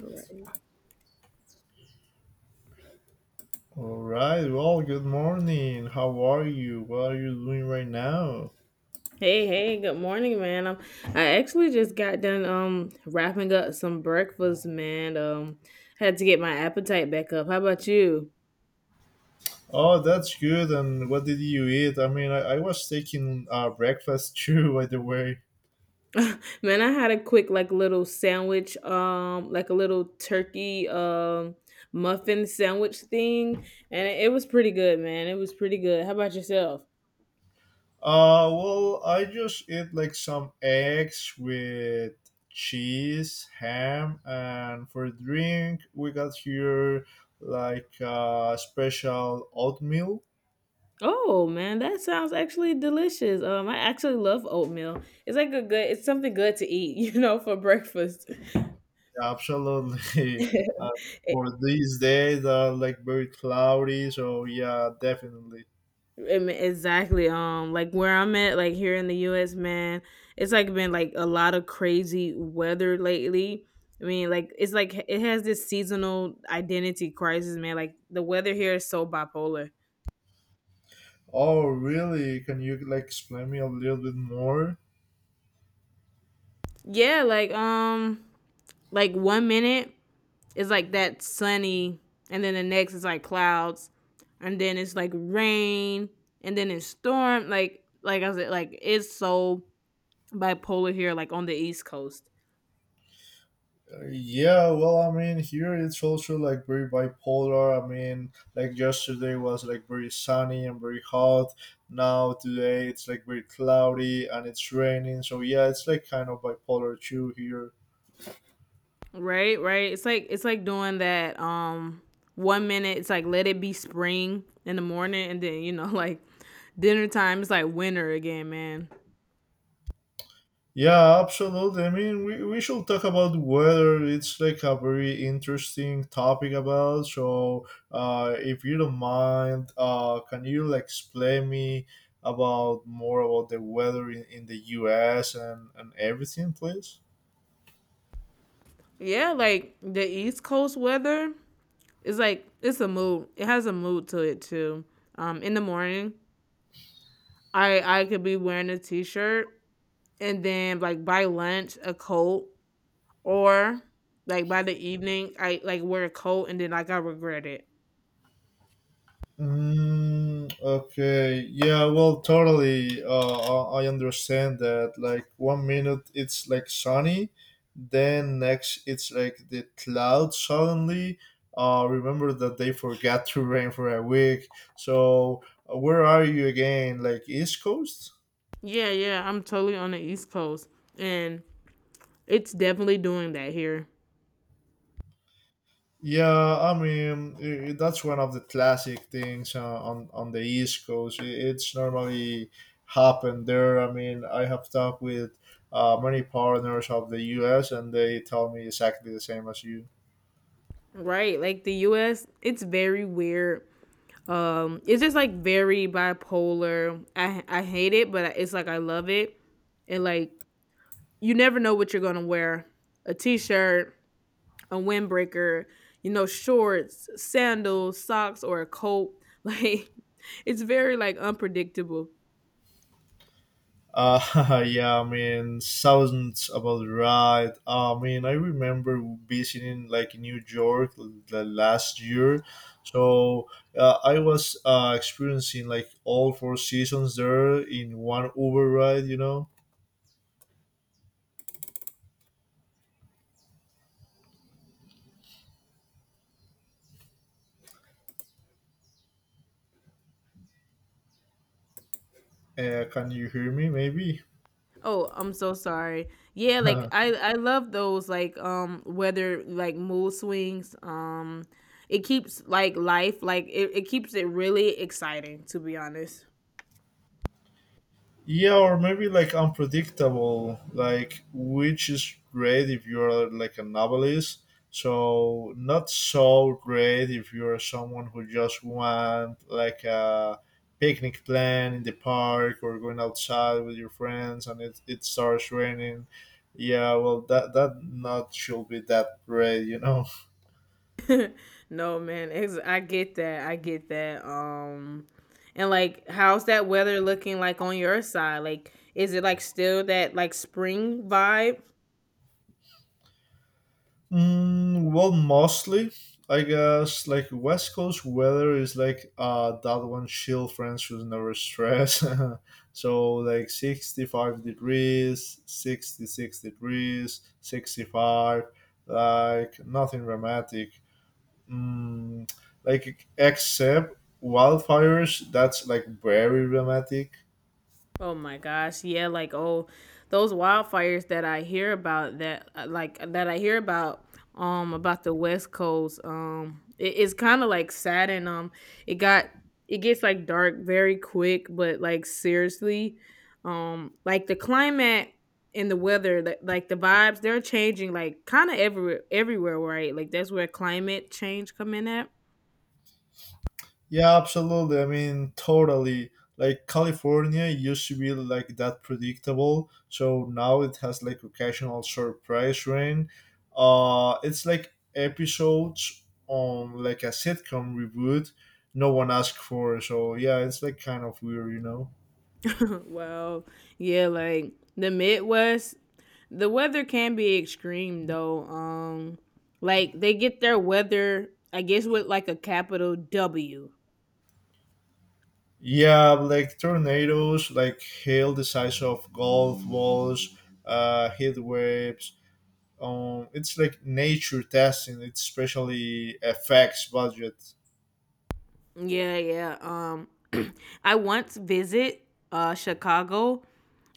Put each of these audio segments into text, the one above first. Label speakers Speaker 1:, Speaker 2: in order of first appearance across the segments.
Speaker 1: Right.
Speaker 2: All right. Well, good morning. How are you? What are you doing right now?
Speaker 1: Hey, hey, good morning, man. I actually just got done wrapping up some breakfast, man. Had to get my appetite back up. How about you?
Speaker 2: Oh, that's good. And what did you eat? I mean, I was taking breakfast too, by the way.
Speaker 1: Man, I had a quick like little sandwich, like a little turkey muffin sandwich thing, and it was pretty good, man. It was pretty good. How about yourself?
Speaker 2: Well, I just ate like some eggs with cheese, ham, and for drink, we got here like special oatmeal.
Speaker 1: Oh man, that sounds actually delicious. I actually love oatmeal. It's something good to eat, you know, for breakfast.
Speaker 2: Absolutely. Uh,
Speaker 1: It
Speaker 2: for these days are like very cloudy, so yeah, definitely.
Speaker 1: I Exactly. Like where I'm at, like here in the US, man, it's like been like a lot of crazy weather lately. I mean, like it's like it has this seasonal identity crisis, man. Like the weather here is so bipolar.
Speaker 2: Oh, really? Can you like explain me a little bit more?
Speaker 1: Yeah, like one minute is like that sunny, and then the next is like clouds, and then it's like rain, and then it's storm. Like I said, like it's so bipolar here, like on the East Coast.
Speaker 2: Yeah, well, I mean, here it's also like very bipolar. I mean, like yesterday was like very sunny and very hot. Now today it's like very cloudy and it's raining. So yeah, it's like kind of bipolar too here.
Speaker 1: Right, right. It's like doing that one minute it's like let it be spring in the morning and then you know like dinner time it's like winter again, man.
Speaker 2: Yeah, absolutely. I mean, we should talk about weather. It's like a very interesting topic about. So, if you don't mind, can you like explain me about more about the weather in the U.S. And everything, please?
Speaker 1: Yeah, like the East Coast weather is like it's a mood. It has a mood to it too. In the morning, I could be wearing a t-shirt and then like by lunch a coat or like by the evening I like wear a coat and then like I regret it.
Speaker 2: Mm, okay. Yeah. Well, totally. I understand that. Like one minute it's like sunny, then next it's like the cloud suddenly. Remember that they forgot to rain for a week. So where are you again? Like East Coast?
Speaker 1: Yeah, yeah, I'm totally on the East Coast and it's definitely doing that here.
Speaker 2: Yeah, I mean, that's one of the classic things on the East Coast. It's normally happened there. I mean, I have talked with many partners of the U.S. and they tell me exactly the same as you.
Speaker 1: Right. Like the US, it's very weird. It's just like very bipolar. I hate it, but it's like I love it. And like you never know what you're going to wear. A t-shirt, a windbreaker, you know, shorts, sandals, socks or a coat. Like it's very like unpredictable.
Speaker 2: Yeah, I mean, sounds about right. I mean, I remember visiting like New York the last year, so I was experiencing like all four seasons there in one Uber ride. You know. Can you hear me? Maybe.
Speaker 1: Oh, I'm so sorry. Yeah, like I I love those like weather like mood swings. It keeps like life like it keeps it really exciting to be honest.
Speaker 2: Yeah, or maybe like unpredictable. Like which is great if you're like a novelist. So not so great if you're someone who just want like a picnic plan in the park or going outside with your friends and it starts raining. Yeah, well that that not should be that great, you know.
Speaker 1: No, man. I get that. I get that. And like how's that weather looking like on your side? Like is it like still that like spring vibe?
Speaker 2: Mm, well, mostly, I guess, like West Coast weather is like that one chill friends who's never stress. So like 65 degrees, 66 degrees, 65, like nothing dramatic. Mm, like except wildfires, that's like very dramatic.
Speaker 1: Oh my gosh, yeah, like oh, those wildfires that I hear about about the West Coast it, it's kind of like sad and it got it gets like dark very quick, but like seriously, like the climate and the weather like the vibes they're changing like kind of everywhere right like that's where climate change come in at.
Speaker 2: Yeah, absolutely. I mean, totally. Like California used to be like that predictable, so now it has like occasional surprise rain. It's like episodes on like a sitcom reboot no one asked for. So yeah, it's like kind of weird, you know.
Speaker 1: Well, yeah, like the Midwest, the weather can be extreme though. Like they get their weather, I guess, with like a capital W.
Speaker 2: Yeah, like tornadoes, like hail the size of golf balls, heat waves. It's like nature testing, it's especially effects budget.
Speaker 1: Yeah, yeah. I once visit Chicago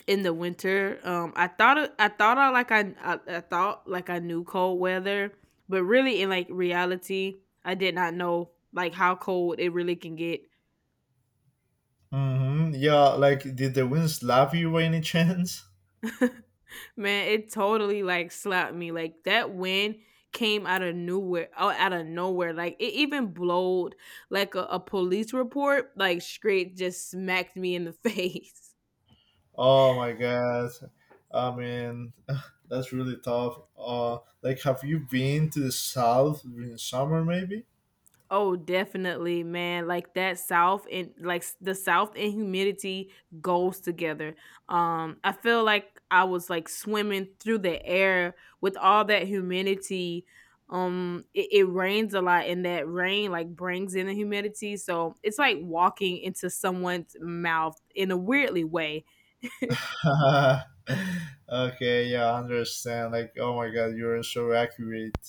Speaker 1: in the winter. I thought I like I thought like I knew cold weather, but really in like reality, I did not know like how cold it really can get.
Speaker 2: Mm-hmm. Yeah, like did the winds love you by any chance?
Speaker 1: Man, it totally like slapped me. Like that wind came out of nowhere out of nowhere. Like it even blowed like a police report, like straight just smacked me in the face.
Speaker 2: Oh my god. I mean, that's really tough. Like, have you been to the south in summer, maybe?
Speaker 1: Oh, definitely, man. Like that South and the South and humidity goes together. I feel like I was like swimming through the air with all that humidity. It rains a lot, and that rain like brings in the humidity. So it's like walking into someone's mouth in a weirdly way.
Speaker 2: Okay, yeah, I understand. Like, oh my god, you're so accurate.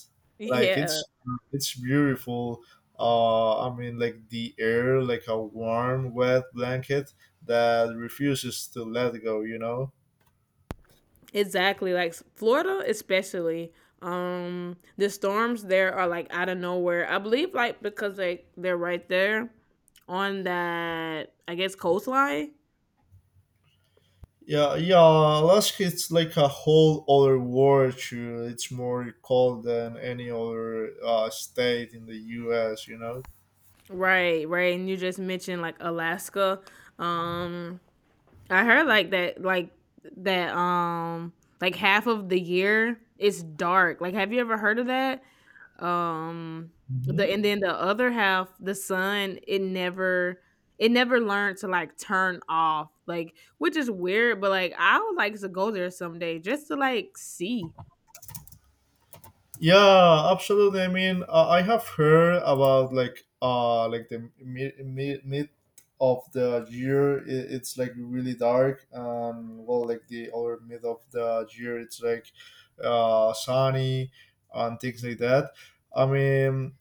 Speaker 2: Like,
Speaker 1: Yeah.
Speaker 2: it's beautiful. I mean, like the air, like a warm, wet blanket that refuses to let go. You know.
Speaker 1: Exactly. Like Florida, especially. The storms there are like out of nowhere. I believe like because like they're right there on that I guess coastline.
Speaker 2: Yeah, yeah, Alaska it's like a whole other world. Too. It's more cold than any other state in the U.S. You know.
Speaker 1: Right, right. And you just mentioned like Alaska. Um I heard like that like that like half of the year it's dark. Like have you ever heard of that? um the
Speaker 2: Mm-hmm.
Speaker 1: And then the other half the sun it never learned to like turn off, like which is weird, but like I would like to go there someday just to like see.
Speaker 2: Yeah, absolutely. I mean, I have heard about like the mid of the year, it's like really dark and well like the or mid of the year it's like sunny and things like that. I mean,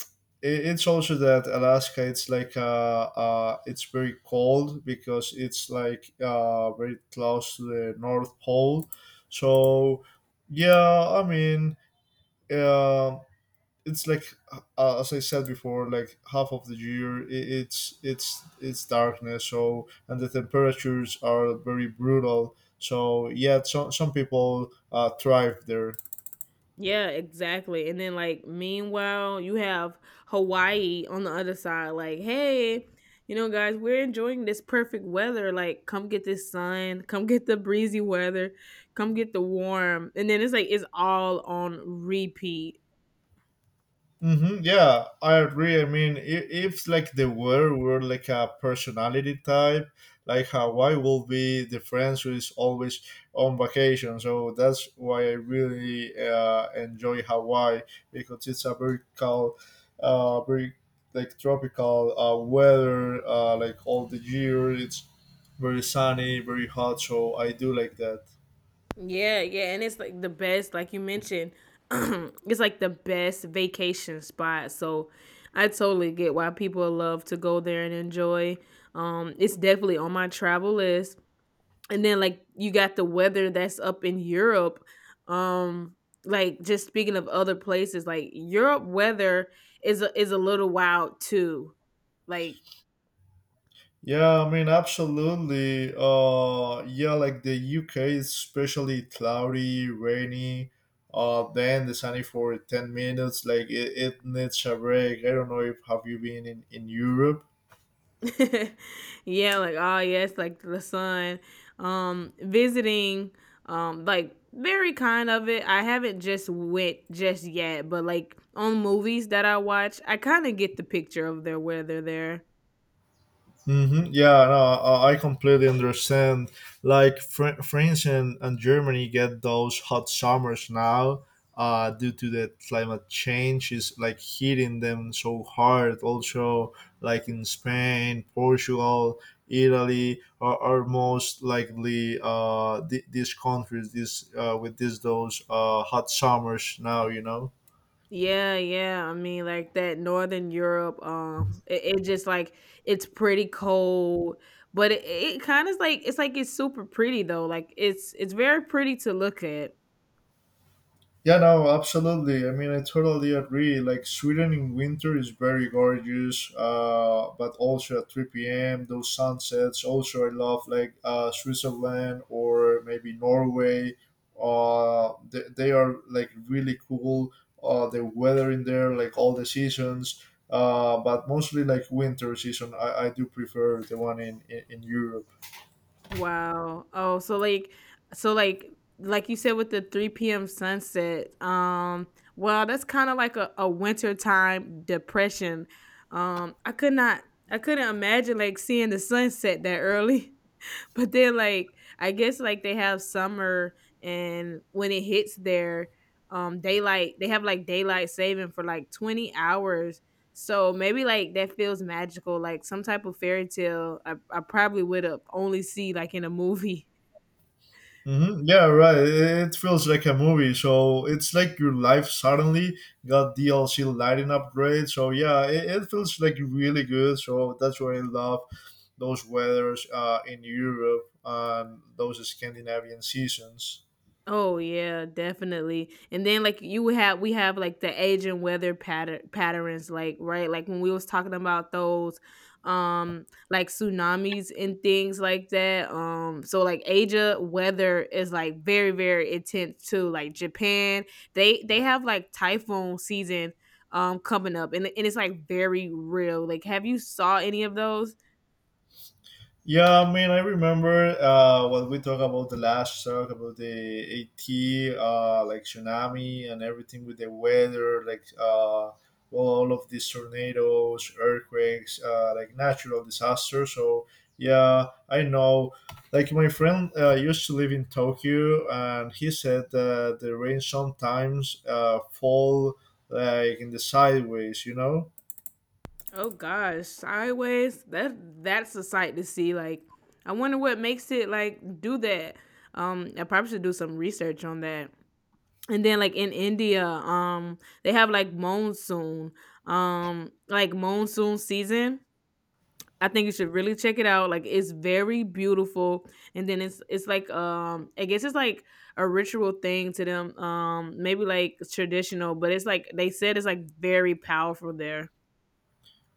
Speaker 2: it's also that Alaska it's like it's very cold because it's like very close to the North Pole. So yeah, I mean uh, it's like as I said before, like half of the year I it's darkness. So and the temperatures are very brutal. So yeah, some people thrive there.
Speaker 1: Yeah, exactly. And then like meanwhile you have Hawaii on the other side like, hey, you know guys, we're enjoying this perfect weather, like come get this sun, come get the breezy weather, come get the warm, and then it's like it's all on repeat.
Speaker 2: Hmm, yeah, I agree. I mean, if like they were like a personality type, like Hawaii will be the friends who is always on vacation. So that's why I really enjoy Hawaii because it's a very calm, very like tropical weather, like all the year. It's very sunny, very hot. So I do like that.
Speaker 1: Yeah, yeah, and it's like the best, like you mentioned, it's like the best vacation spot. So I totally get why people love to go there and enjoy. It's definitely on my travel list. And then like you got the weather that's up in Europe. Um, like just speaking of other places, like Europe weather is is a little wild too. Like
Speaker 2: Yeah, I mean, absolutely. Yeah, like the UK is especially cloudy, rainy, then the sunny for 10 minutes. Like it needs a break. I don't know if have you been in Europe?
Speaker 1: yeah, like oh yes, like the sun. Visiting, like very kind of it. I haven't just went just yet, but like on movies that I watch, I kind of get the picture of their where they're there.
Speaker 2: Mm-hmm. Yeah, no, I completely understand. Like France and Germany get those hot summers now, due to the climate change is like hitting them so hard. Also, like in Spain, Portugal, Italy are most likely these countries this with these those hot summers now. You know.
Speaker 1: Yeah, yeah. I mean, like that Northern Europe, it just like it's pretty cold, but it kind of like it's super pretty though. Like it's very pretty to look at.
Speaker 2: Yeah, no, absolutely. I mean, I totally agree. Like Sweden in winter is very gorgeous, but also at 3 p.m. those sunsets. Also, I love like Switzerland or maybe Norway. They are like really cool. The weather in there, like all the seasons, but mostly like winter season. I do prefer the one in Europe.
Speaker 1: Wow. Oh, so like like you said, with the 3 p.m. sunset, well, that's kind of like a wintertime depression. Um, I could not I couldn't imagine like seeing the sunset that early. But then, like, I guess, like, they have summer, and when it hits there, daylight they have, like, daylight saving for, like, 20 hours. So maybe, like, that feels magical, like some type of fairy tale I probably would've only see, like, in a movie.
Speaker 2: Hmm, yeah, right. It feels like a movie. So it's like your life suddenly got DLC lighting upgrade. So yeah, it feels like really good. So that's why I love those weathers in Europe and those Scandinavian seasons.
Speaker 1: Oh yeah, definitely. And then like you would have we have like the age and weather patterns like right, like when we was talking about those like tsunamis and things like that. So like Asia weather is like very intense too. Like Japan, they have like typhoon season coming up, and it's like very real. Like have you saw any of those?
Speaker 2: Yeah, I mean, I remember what we talked about the last talk about the AT, like tsunami and everything with the weather, like well, all of these tornadoes, earthquakes, like natural disasters. So yeah, I know. Like my friend used to live in Tokyo, and he said that the rain sometimes fall like in the sideways, you know.
Speaker 1: Oh gosh, sideways. That's a sight to see. Like, I wonder what makes it like do that. I probably should do some research on that. And then like in India, they have like monsoon, like monsoon season. I think you should really check it out. Like it's very beautiful, and then it's like I guess it's like a ritual thing to them. Maybe like traditional, but it's like they said it's like very powerful there.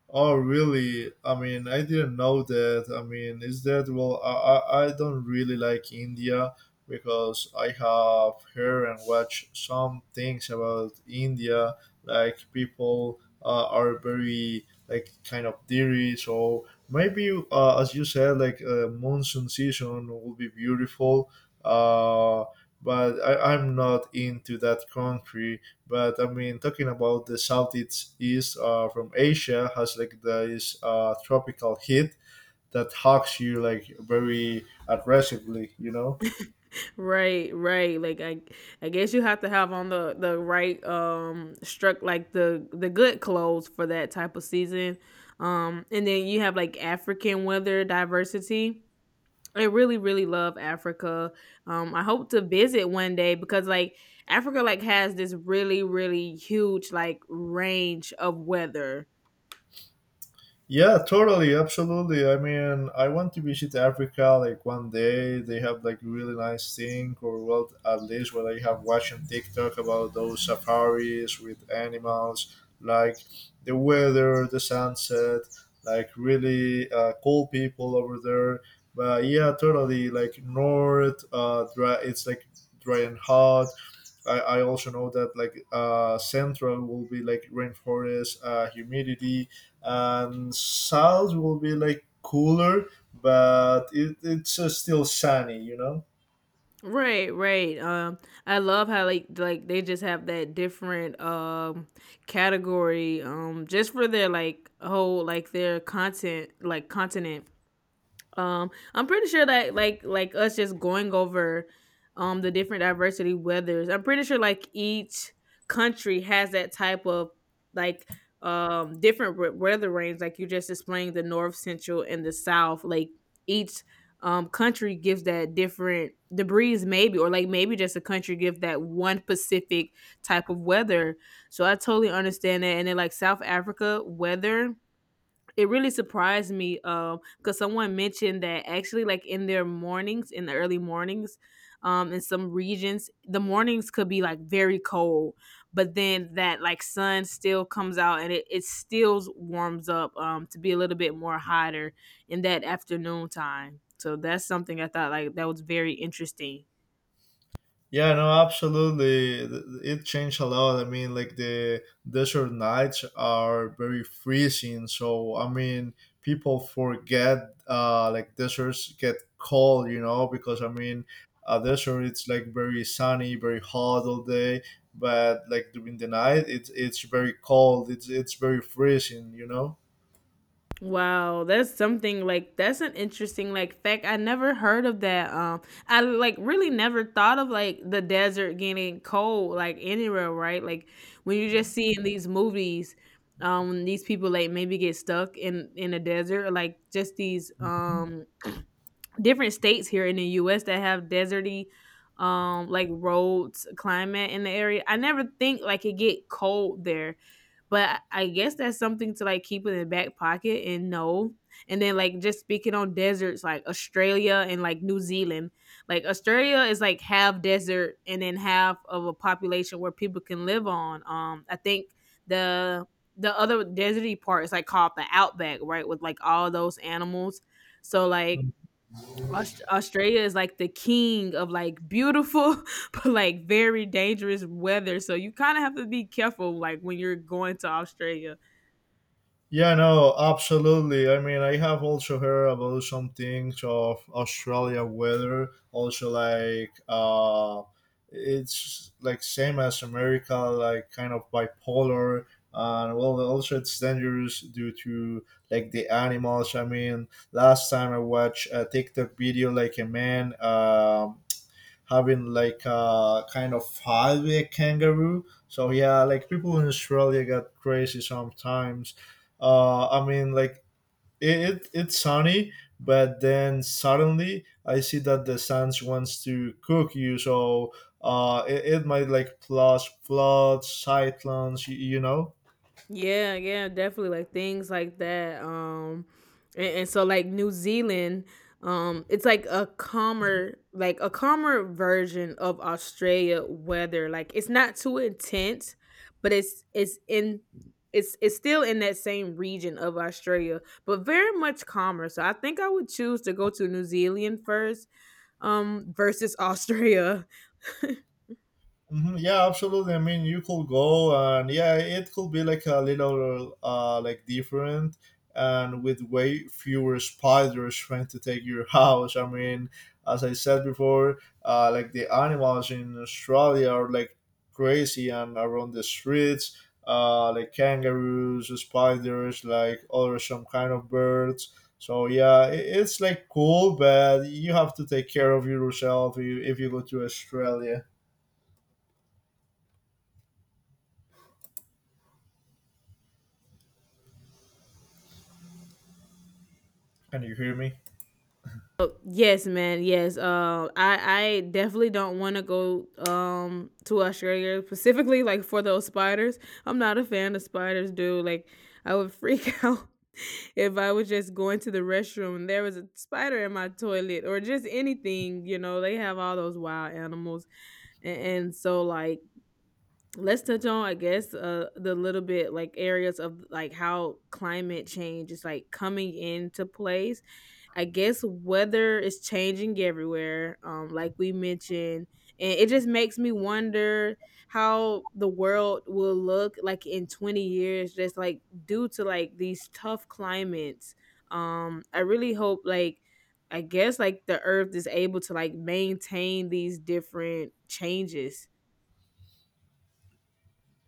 Speaker 2: Oh, really? I mean, I didn't know that. I mean, is that well? I don't really like India because I have heard and watched some things about India, like people are very like kind of dirty. So maybe, as you said, like monsoon season will be beautiful. Uh, but I'm not into that country. But I mean, talking about the southeast east from Asia has like this tropical heat that hugs you like very aggressively, you know.
Speaker 1: Right, right. I guess you have to have on the right struck like the good clothes for that type of season. And then you have like African weather diversity. I really, really love Africa. I hope to visit one day because like Africa like has this really, really huge like range of weather.
Speaker 2: Yeah, totally, absolutely. I mean, I want to visit Africa like one day. They have like really nice thing, or well, at least what I have watched on TikTok about those safaris with animals, like the weather, the sunset, like really cool people over there. But yeah, totally. Like north, dry. It's like dry and hot. I also know that like central will be like rainforest, humidity, and south will be like cooler, but it, it's still sunny, you know.
Speaker 1: Right, right. I love how like they just have that different category just for their like whole like their content like continent. I'm pretty sure that like us just going over the different diversity weathers. I'm pretty sure like each country has that type of like different weather range. Like you just explained the north, central, and the south. Like each country gives that different degrees maybe, or like maybe just a country give that one specific type of weather. So I totally understand that. And then like South Africa weather, it really surprised me, because someone mentioned that actually, like, in their mornings, in the early mornings, in some regions, the mornings could be, like, very cold, but then that, like, sun still comes out and it still warms up, to be a little bit more hotter in that afternoon time. So that's something I thought, like, that was very interesting.
Speaker 2: Yeah, no, absolutely. It changed a lot. I mean, like the desert nights are very freezing. So, I mean, people forget like deserts get cold, you know, because I mean, a desert it's like very sunny, very hot all day, but like during the night it's very cold. It's very freezing, you know.
Speaker 1: Wow, that's something like that's an interesting like fact. I never heard of that. I like really never thought of like the desert getting cold like anywhere, right? Like when you just see in these movies, these people like maybe get stuck in a desert, or, like just these different states here in the U.S. that have deserty, like roads, climate in the area. I never think like it get cold there, but I guess that's something to like keep in the back pocket and know. And then like just speaking on deserts like Australia and like New Zealand. Like Australia is like half desert and then half of a population where people can live on. I think the the other deserty part is like called the outback, right? With like all those animals. So like
Speaker 2: Mhm.
Speaker 1: Australia is like the king of like beautiful but like very dangerous weather. So you kind of have to be careful like when you're going to Australia.
Speaker 2: Yeah, no, absolutely. I mean, I have also heard about some things of Australia weather. Also, like it's like same as America, like kind of bipolar, and well, also it's dangerous due to like the animals. I mean, last time I watched a TikTok video, like a man. Having like a kind of highway kangaroo. So yeah, like people in Australia get crazy sometimes. I mean, like it, it's sunny, but then suddenly I see that the suns wants to cook you. So it, it might like plus floods, cyclones. You know.
Speaker 1: Yeah, yeah, definitely like things like that. And so like New Zealand, it's like a calmer version of Australia weather. Like it's not too intense, but it's still in that same region of Australia, but very much calmer. So I think I would choose to go to New Zealand first versus Australia.
Speaker 2: Hmm, yeah, absolutely. I mean, you could go and yeah, it could be like a little like different and with way fewer spiders trying to take your house. I mean, as I said before, like the animals in Australia are like crazy and around the streets, like kangaroos, spiders, like other some kind of birds. So yeah, it, it's like cool, but you have to take care of yourself if you go to Australia. Can you hear me?
Speaker 1: Oh, yes, man. Yes. I definitely don't want to go to Australia specifically like for those spiders. I'm not a fan of spiders, dude. Like I would freak out if I was just going to the restroom and there was a spider in my toilet or just anything. You know, they have all those wild animals, and so like let's touch on I guess the little bit like areas of like how climate change is like coming into place. I guess weather is changing everywhere, like we mentioned, and it just makes me wonder how the world will look like in 20 years, just like due to like these tough climates. I really hope like I guess like the earth is able to like maintain these different changes.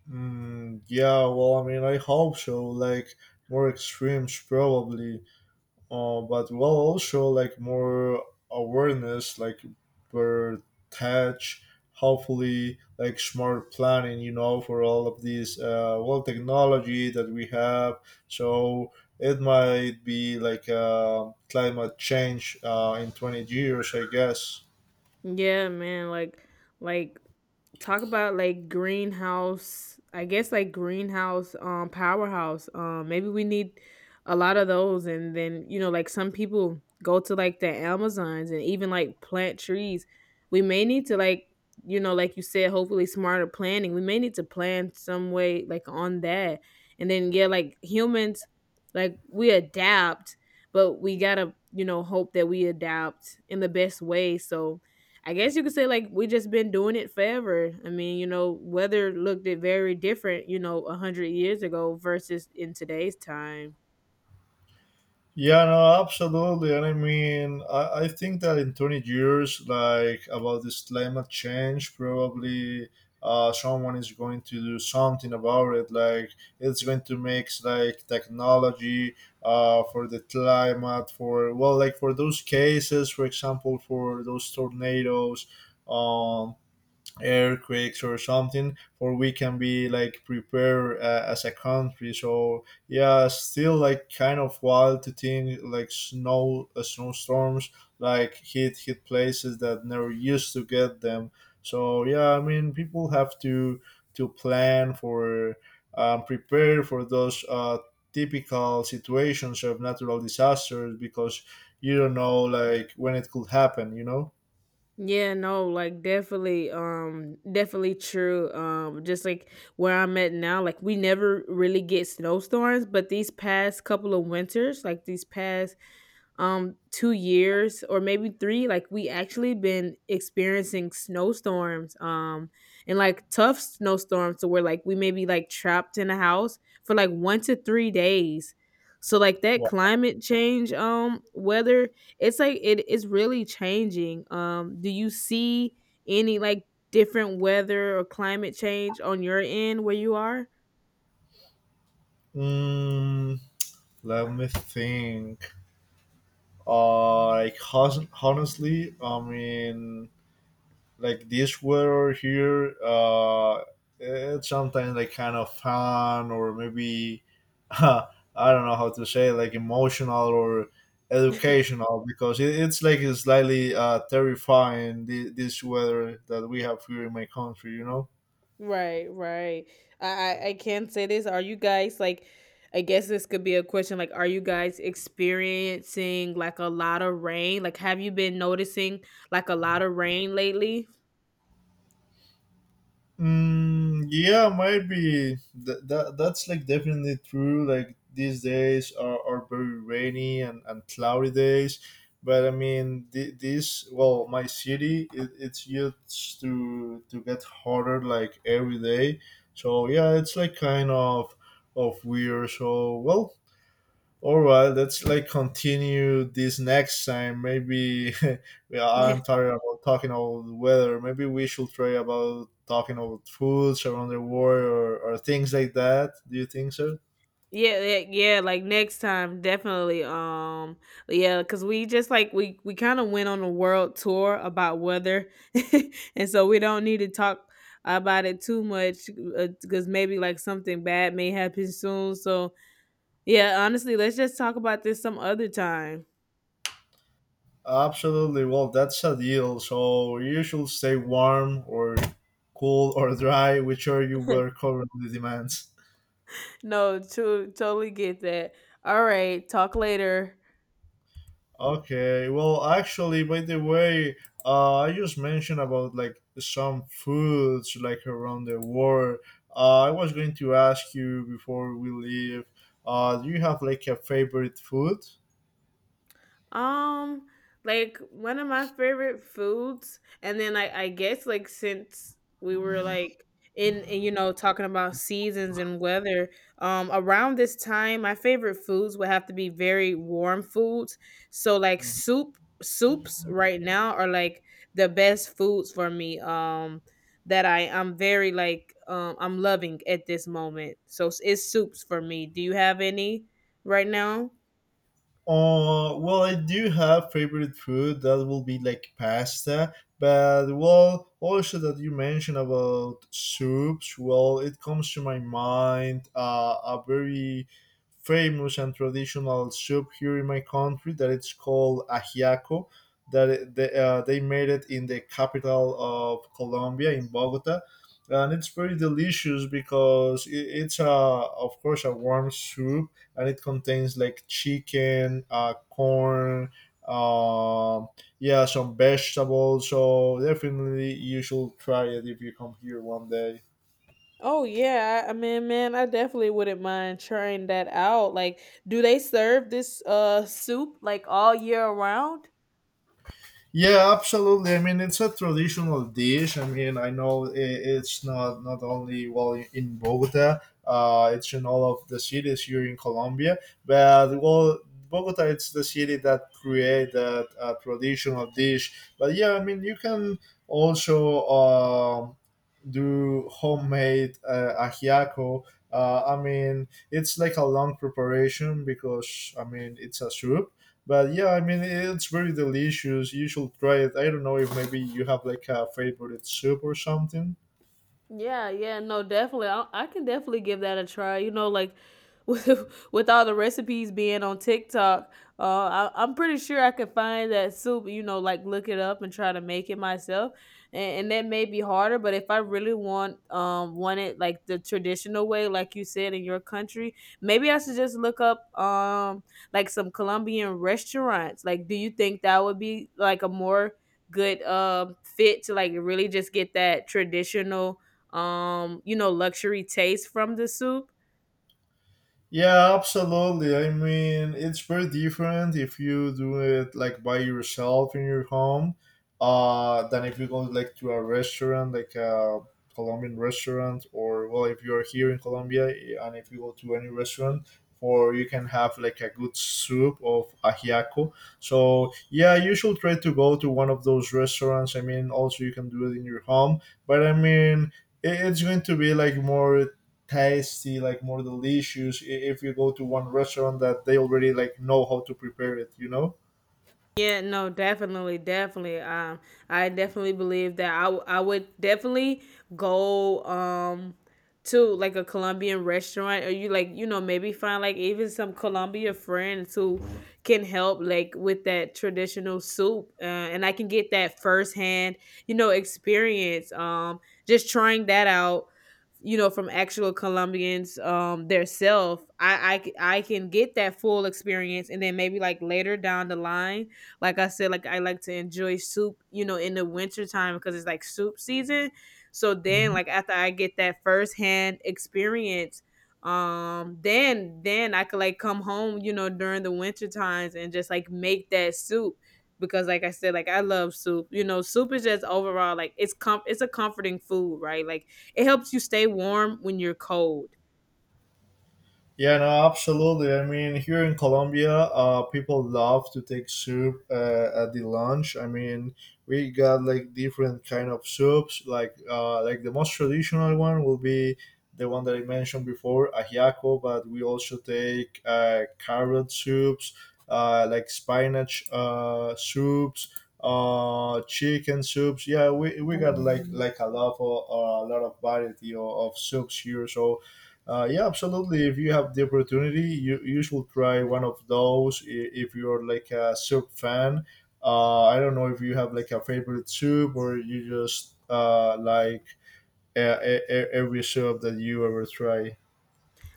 Speaker 2: Mm, yeah, well, I mean, I hope so. Like more extremes, probably. But well, also like more awareness, like better touch. Hopefully, like smart planning, you know, for all of these well technology that we have. So it might be like climate change in 20 years, I guess.
Speaker 1: Yeah, man, like talk about like greenhouse, I guess like greenhouse powerhouse. Maybe we need a lot of those and then, you know, like some people go to like the Amazons and even like plant trees. We may need to like, you know, like you said, hopefully smarter planning. We may need to plan some way like on that. And then yeah, like humans, like we adapt, but we gotta, you know, hope that we adapt in the best way. So I guess you could say like we just been doing it forever. I mean, you know, weather looked it very different, you know, a hundred years ago versus in today's time.
Speaker 2: Yeah, no, absolutely. And I mean, I think that in 20 years, like about this climate change, probably someone is going to do something about it. Like it's going to make like technology for the climate, for well, like for those cases, for example, for those tornadoes. Um, Earthquakes or something for we can be like prepared as a country. So yeah, still like kind of wild to think like snow snowstorms like hit places that never used to get them. So yeah, I mean people have to plan for prepare for those typical situations of natural disasters, because you don't know like when it could happen.
Speaker 1: Yeah, no, like definitely, definitely true. Just like where I'm at now, like we never really get snowstorms, but these past couple of winters, like these past 2 years or maybe 3, like we actually been experiencing snowstorms and like tough snowstorms to where like we may be like trapped in a house for like 1 to 3 days. So like that
Speaker 2: Wha-
Speaker 1: climate change weather, it's like it is really changing. Do you see any like different weather or climate change on your end where you are?
Speaker 2: Mm, let me think. Like honestly, I mean, like this weather here. It's sometimes like kind of fun or maybe, I don't know how to say, like emotional or educational, because it's like a slightly terrifying this weather that we have here in my country, you know.
Speaker 1: Right, right. I, I can say this. Are you guys like? I guess this could be a question. Like, are you guys experiencing like a lot of rain? Like, have you been noticing like a lot of rain lately?
Speaker 2: Mm, yeah, might be. That's like definitely true. Like these days are very rainy and cloudy days, but I mean this. Well, my city, it's used to get hotter like every day. So yeah, it's like kind of weird. So, well, all right, let's like continue this next time. Maybe yeah,
Speaker 1: Yeah.
Speaker 2: I'm tired about talking about the weather. Maybe we should try about talking about foods around the world, or things like that. Do you think so?
Speaker 1: Yeah, yeah, yeah, like next time definitely um, yeah, cuz we just like we kind of went on a world tour about weather. And so we don't need to talk about it too much cuz maybe like something bad may happen soon. So yeah, honestly, let's just talk about this some other time.
Speaker 2: Absolutely. Well, that's a deal. So you should stay warm, or cool, or dry, whichever your weather currently demands.
Speaker 1: No, to totally get that. All right, talk later.
Speaker 2: Okay, well, actually, by the way, I just mentioned about like some foods like around the world. I was going to ask you before we leave. Do you have like a favorite food?
Speaker 1: Um, like one of my favorite foods, and then I guess like since we were like in, you know, talking about seasons and weather, around this time my favorite foods would have to be very warm foods. So like soups right now are like the best foods for me. That I I'm very like I'm loving at this moment. So it's soups for me. Do you have any right now?
Speaker 2: Well, I do have favorite food that will be like pasta, but well, also that you mentioned about soups. Well, it comes to my mind a very famous and traditional soup here in my country, that it's called ajiaco. That they made it in the capital of Colombia, in Bogota, and it's very delicious because it's a, of course, a warm soup, and it contains like chicken, corn, uh, yeah, some vegetables. So definitely you should try it if you come here one day.
Speaker 1: Oh yeah, I mean, man, I definitely wouldn't mind trying that out. Like, do they serve this soup like all year around?
Speaker 2: Yeah, absolutely. I mean, it's a traditional dish. I mean, I know it's not only well in Bogota. It's in all of the cities here in Colombia. But well, Bogota, it's the city that created that traditional dish. But yeah, I mean, you can also do homemade ajiaco. I mean, it's like a long preparation because I mean it's a soup, but yeah, I mean, it's very delicious. You should try it. I don't know if maybe you have like a favorite soup or something.
Speaker 1: Yeah, yeah, no, definitely. I can definitely give that a try. You know, like with with all the recipes being on TikTok, I'm pretty sure I could find that soup. You know, like look it up and try to make it myself, and that may be harder. But if I really want want it like the traditional way, like you said in your country, maybe I should just look up like some Colombian restaurants. Like, do you think that would be like a more good fit to like really just get that traditional um, you know, luxury taste from the soup?
Speaker 2: Yeah, absolutely. I mean, it's very different if you do it like by yourself in your home, than if you go like to a restaurant, like a Colombian restaurant, or well, if you are here in Colombia, eh, and if you go to any restaurant, for you can have like a good soup of ajiaco. So yeah, you should try to go to one of those restaurants. I mean, also you can do it in your home, but I mean, it's going to be like more tasty, like more delicious if you go to one restaurant that they already like know how to prepare it.
Speaker 1: Yeah, no, definitely, definitely. I definitely believe that I would definitely go to like a Colombian restaurant, or you like, you know, maybe find like even some Colombia friends who can help like with that traditional soup, and I can get that firsthand, you know, experience, just trying that out, you know, from actual Colombians, their self. I can get that full experience. And then maybe like later down the line, like I said, like I like to enjoy soup, you know, in the winter time because it's like soup season. So then like after I get that firsthand experience, then I could like come home, you know, during the winter times and just like make that soup. Because like I said, like I love soup. You know, soup is just overall like it's com it's a comforting food, right? Like it helps you stay warm when you're cold.
Speaker 2: Yeah, no, absolutely. I mean, here in Colombia, people love to take soup at the lunch. I mean, we got like different kind of soups. Like the most traditional one will be the one that I mentioned before, ajiaco. But we also take carrot soups, like spinach soups, chicken soups. Yeah, we got like a lot of variety of soups here. So yeah, absolutely. If you have the opportunity, you should try one of those. If you're like a soup fan, I don't know if you have like a favorite soup, or you just like every soup that you ever try.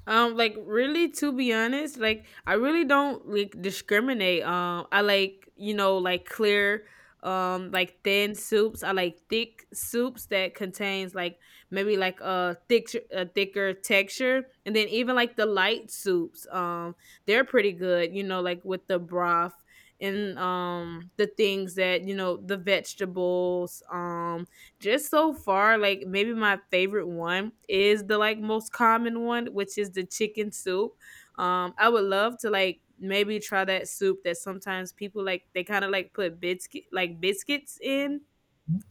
Speaker 1: Like really, to be honest, like I really don't like discriminate. I like, you know, like clear, like thin soups. I like thick soups that contains like maybe like a thicker texture, and then even like the light soups. They're pretty good. You know, like with the broth and the things that, you know, the vegetables. Just so far, like maybe my favorite one is the like most common one, which is the chicken soup. I would love to like maybe try that soup that sometimes people like they kind of like put biscuits in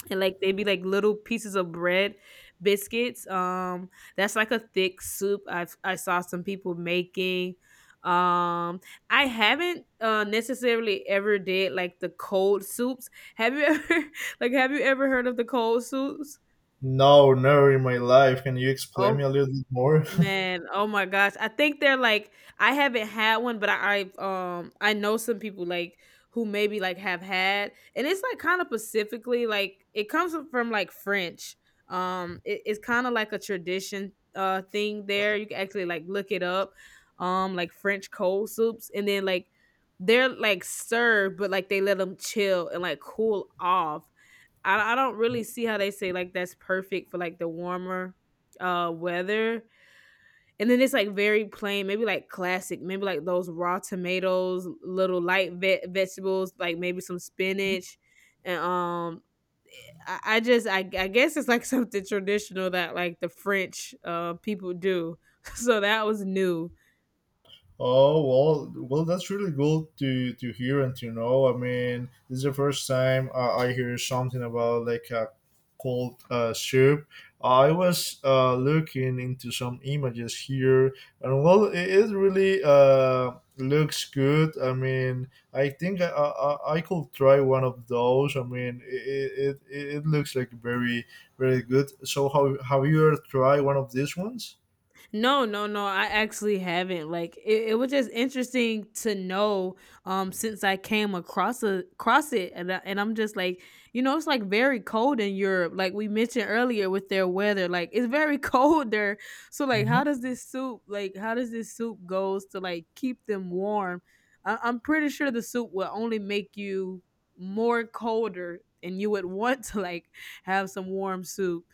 Speaker 1: and like they'd be like little pieces of bread biscuits um, that's like a thick soup. I saw some people making um, I haven't necessarily ever did like the cold soups. Have you ever like have you ever heard of the cold soups?
Speaker 2: No, never in my life. Can you explain me
Speaker 1: Oh,
Speaker 2: a little bit more?
Speaker 1: man, oh my gosh. I think they're like, I haven't had one, but I I know some people like who maybe like have had, and it's like kind of specifically like it comes from like French. It's kind of like a tradition thing there. You can actually like look it up. Like French cold soups, and then like they're like served, but like they let them chill and like cool off. I don't really see how they say like that's perfect for like the warmer weather, and then it's like very plain, maybe like classic, maybe like those raw tomatoes, little light vegetables, like maybe some spinach, and I guess it's like something traditional that like the French uh people do, so that was new.
Speaker 2: Oh well, well that's really good to hear and to know. I mean, this is the first time I hear something about like a cold soup. I was looking into some images here, and well, it really looks good. I mean, I think I could try one of those. I mean, it it looks like very very good. So, how have you ever tried one of these ones?
Speaker 1: No, no, no. I actually haven't. Like it was just interesting to know since I came across across it, and I'm just like, you know, it's like very cold in Europe. Like we mentioned earlier with their weather, like it's very cold there. So like how does this soup goes to like keep them warm? I'm pretty sure the soup will only make you more colder, and you would want to like have some warm soup.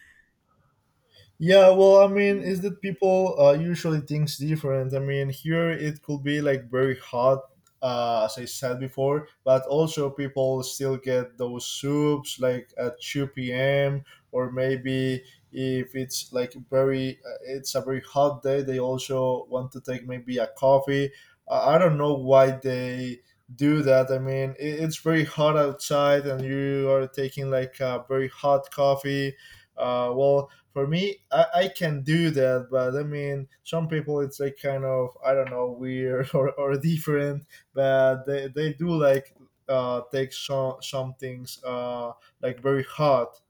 Speaker 2: Yeah, well, I mean, is that people usually thinks different. I mean, here it could be like very hot, as I said before, but also people still get those soups like at 2 p.m. or maybe, if it's like very, it's a very hot day, they also want to take maybe a coffee. I don't know why they do that. I mean, it, it's very hot outside and you are taking like a very hot coffee. Well, for me, I can do that, but I mean, some people, it's like kind of I don't know weird or different, but they do like take some things like very hot.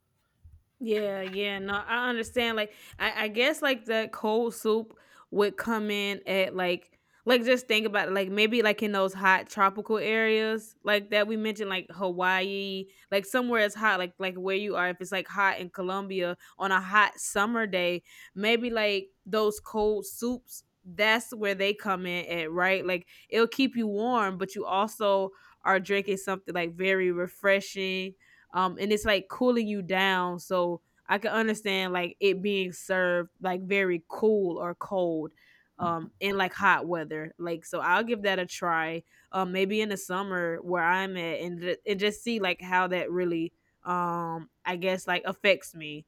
Speaker 1: Yeah, yeah, no, I understand. Like, I guess like the cold soup would come in at like just think about it, like maybe like in those hot tropical areas like that we mentioned, like Hawaii, like somewhere it's hot, like where you are. If it's like hot in Colombia on a hot summer day, maybe like those cold soups. That's where they come in at, right? Like it'll keep you warm, but you also are drinking something like very refreshing um, and it's like cooling you down. So I can understand like it being served like very cool or cold in like hot weather. Like so I'll give that a try maybe in the summer where I'm at, and, and just see like how that really I guess like affects me.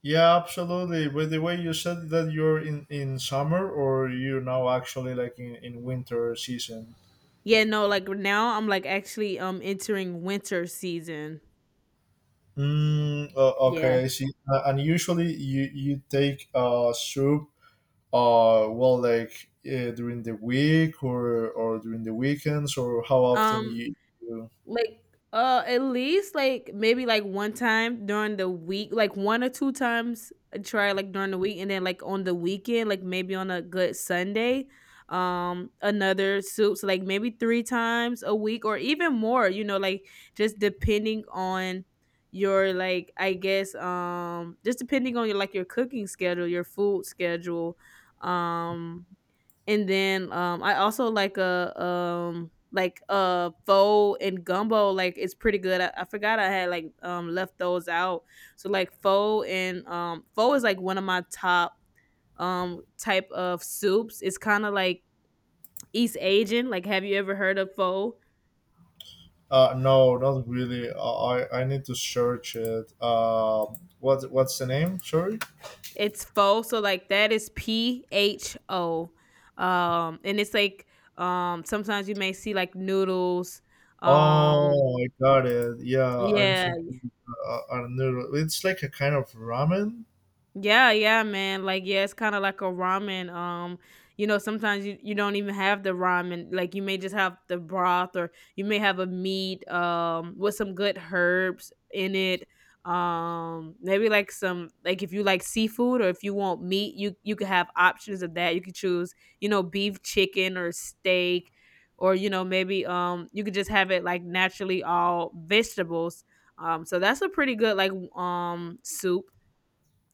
Speaker 2: Yeah, absolutely. By the way, you said that you're in summer, or you now actually like in winter season.
Speaker 1: Yeah, no, like now I'm like actually entering winter season.
Speaker 2: Mm,
Speaker 1: Yeah.
Speaker 2: okay, I see. And usually you you take a soup uh, well like during the week or during the weekends, or how often
Speaker 1: Um,
Speaker 2: you, you
Speaker 1: like, at least like maybe like one time during the week, like one or two times I try like during the week, and then like on the weekend, like maybe on a good Sunday, another soup. So like maybe three times a week or even more. You know, like just depending on your like I guess just depending on your like your cooking schedule, your food schedule. Um and then, I also like a pho and gumbo, like it's pretty good. I forgot I had like left those out. So like pho is like one of my top type of soups. It's kind of like East Asian. Like have you ever heard of pho?
Speaker 2: uh, no, not really. Uh, I need to search it. Um, what what's the name, sorry?
Speaker 1: It's pho. So like that is Pho. And it's like sometimes you may see like noodles. Um
Speaker 2: Oh, I got it, yeah, I'm
Speaker 1: yeah.
Speaker 2: seeing a noodle, it's like a kind of ramen.
Speaker 1: Yeah, yeah, man. Like, yeah, it's kind of like a ramen. You know, sometimes you, you don't even have the ramen. Like, you may just have the broth, or you may have a meat with some good herbs in it. Maybe like some like if you like seafood or if you want meat, you could have options of that. You could choose, you know, beef, chicken, or steak, or, you know, maybe you could just have it like naturally all vegetables. So that's a pretty good like um soup,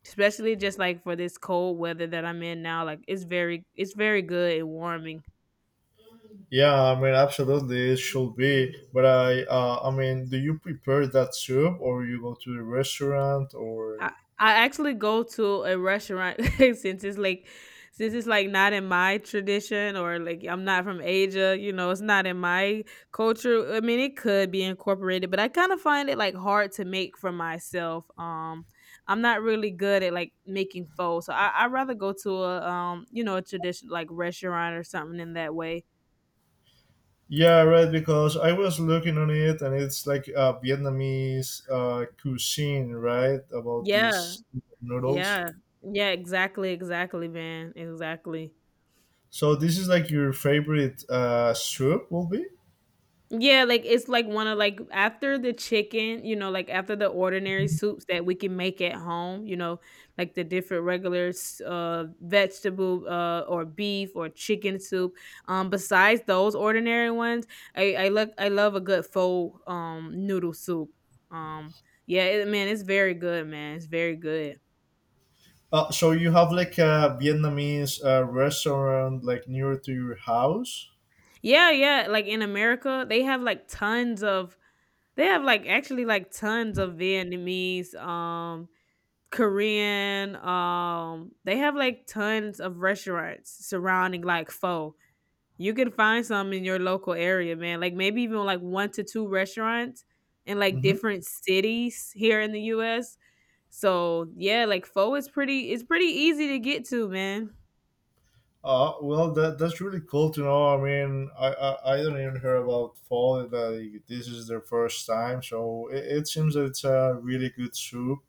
Speaker 1: especially just like for this cold weather that I'm in now, like it's very good and warming.
Speaker 2: Yeah, I mean absolutely it should be, but I I mean, do you prepare that soup, or you go to the restaurant, or?
Speaker 1: I I actually go to a restaurant since it's like not in my tradition, or like I'm not from Asia, you know, it's not in my culture. I mean, it could be incorporated, but I kind of find it like hard to make for myself. I'm not really good at like making pho. So I rather go to a you know, a tradition like restaurant or something in that way.
Speaker 2: Yeah, right. Because I was looking on it, and it's like Vietnamese cuisine, right? About
Speaker 1: Yeah.
Speaker 2: these noodles.
Speaker 1: Yeah. Yeah, exactly, exactly, man. Exactly.
Speaker 2: So this is like your favorite soup will be.
Speaker 1: Yeah, like it's like one of like after the chicken, you know, like after the ordinary soups that we can make at home, you know, like the different regular uh vegetable or beef or chicken soup. Besides those ordinary ones, I love a good faux noodle soup. Um yeah, it, man, it's very good, man. It's very good.
Speaker 2: So you have like a Vietnamese restaurant like near to your house.
Speaker 1: Yeah, yeah. Like in America, they have like tons of they have like actually like tons of Vietnamese, Korean, they have like tons of restaurants surrounding like pho. You can find some in your local area, man. Like maybe even like 1 to 2 restaurants in like
Speaker 2: Mm-hmm.
Speaker 1: different cities here in the US. So, yeah, like pho is pretty it's pretty easy to get to, man.
Speaker 2: Well, that that's really cool to know. I mean, I don't even hear about fall. That this is their first time, so it seems that it's a really good soup,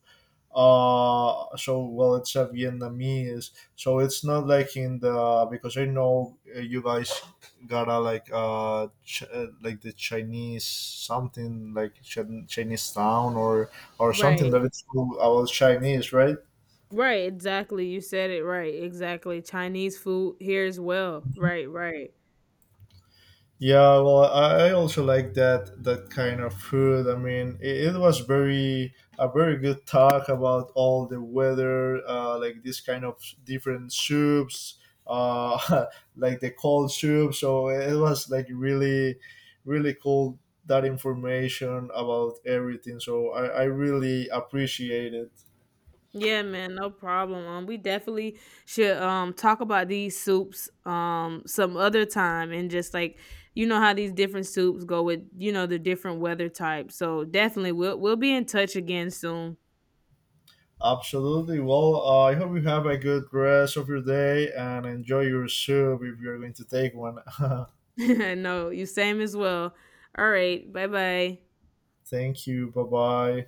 Speaker 2: uh, so well, it's a Vietnamese, so it's not like in the, because I know you guys gotta like like the Chinese, something like Chinese town, or something
Speaker 1: Right.
Speaker 2: that it's all about Chinese, right?
Speaker 1: Right, exactly. You said it right. Exactly. Chinese food here as well. Right, right.
Speaker 2: Yeah, well, I also like that that kind of food. I mean, it was very a very good talk about all the weather, like this kind of different soups, uh, like the cold soup. So it was like really, really cool that information about everything. So I really appreciate it.
Speaker 1: Yeah, man, no problem. We definitely should talk about these soups some other time and just like, you know, how these different soups go with, you know, the different weather types. So definitely we'll be in touch again soon.
Speaker 2: Absolutely. Well, I hope you have a good rest of your day and enjoy your soup if you're going to take one.
Speaker 1: No, you same as well. All right, bye bye.
Speaker 2: Thank you. Bye bye.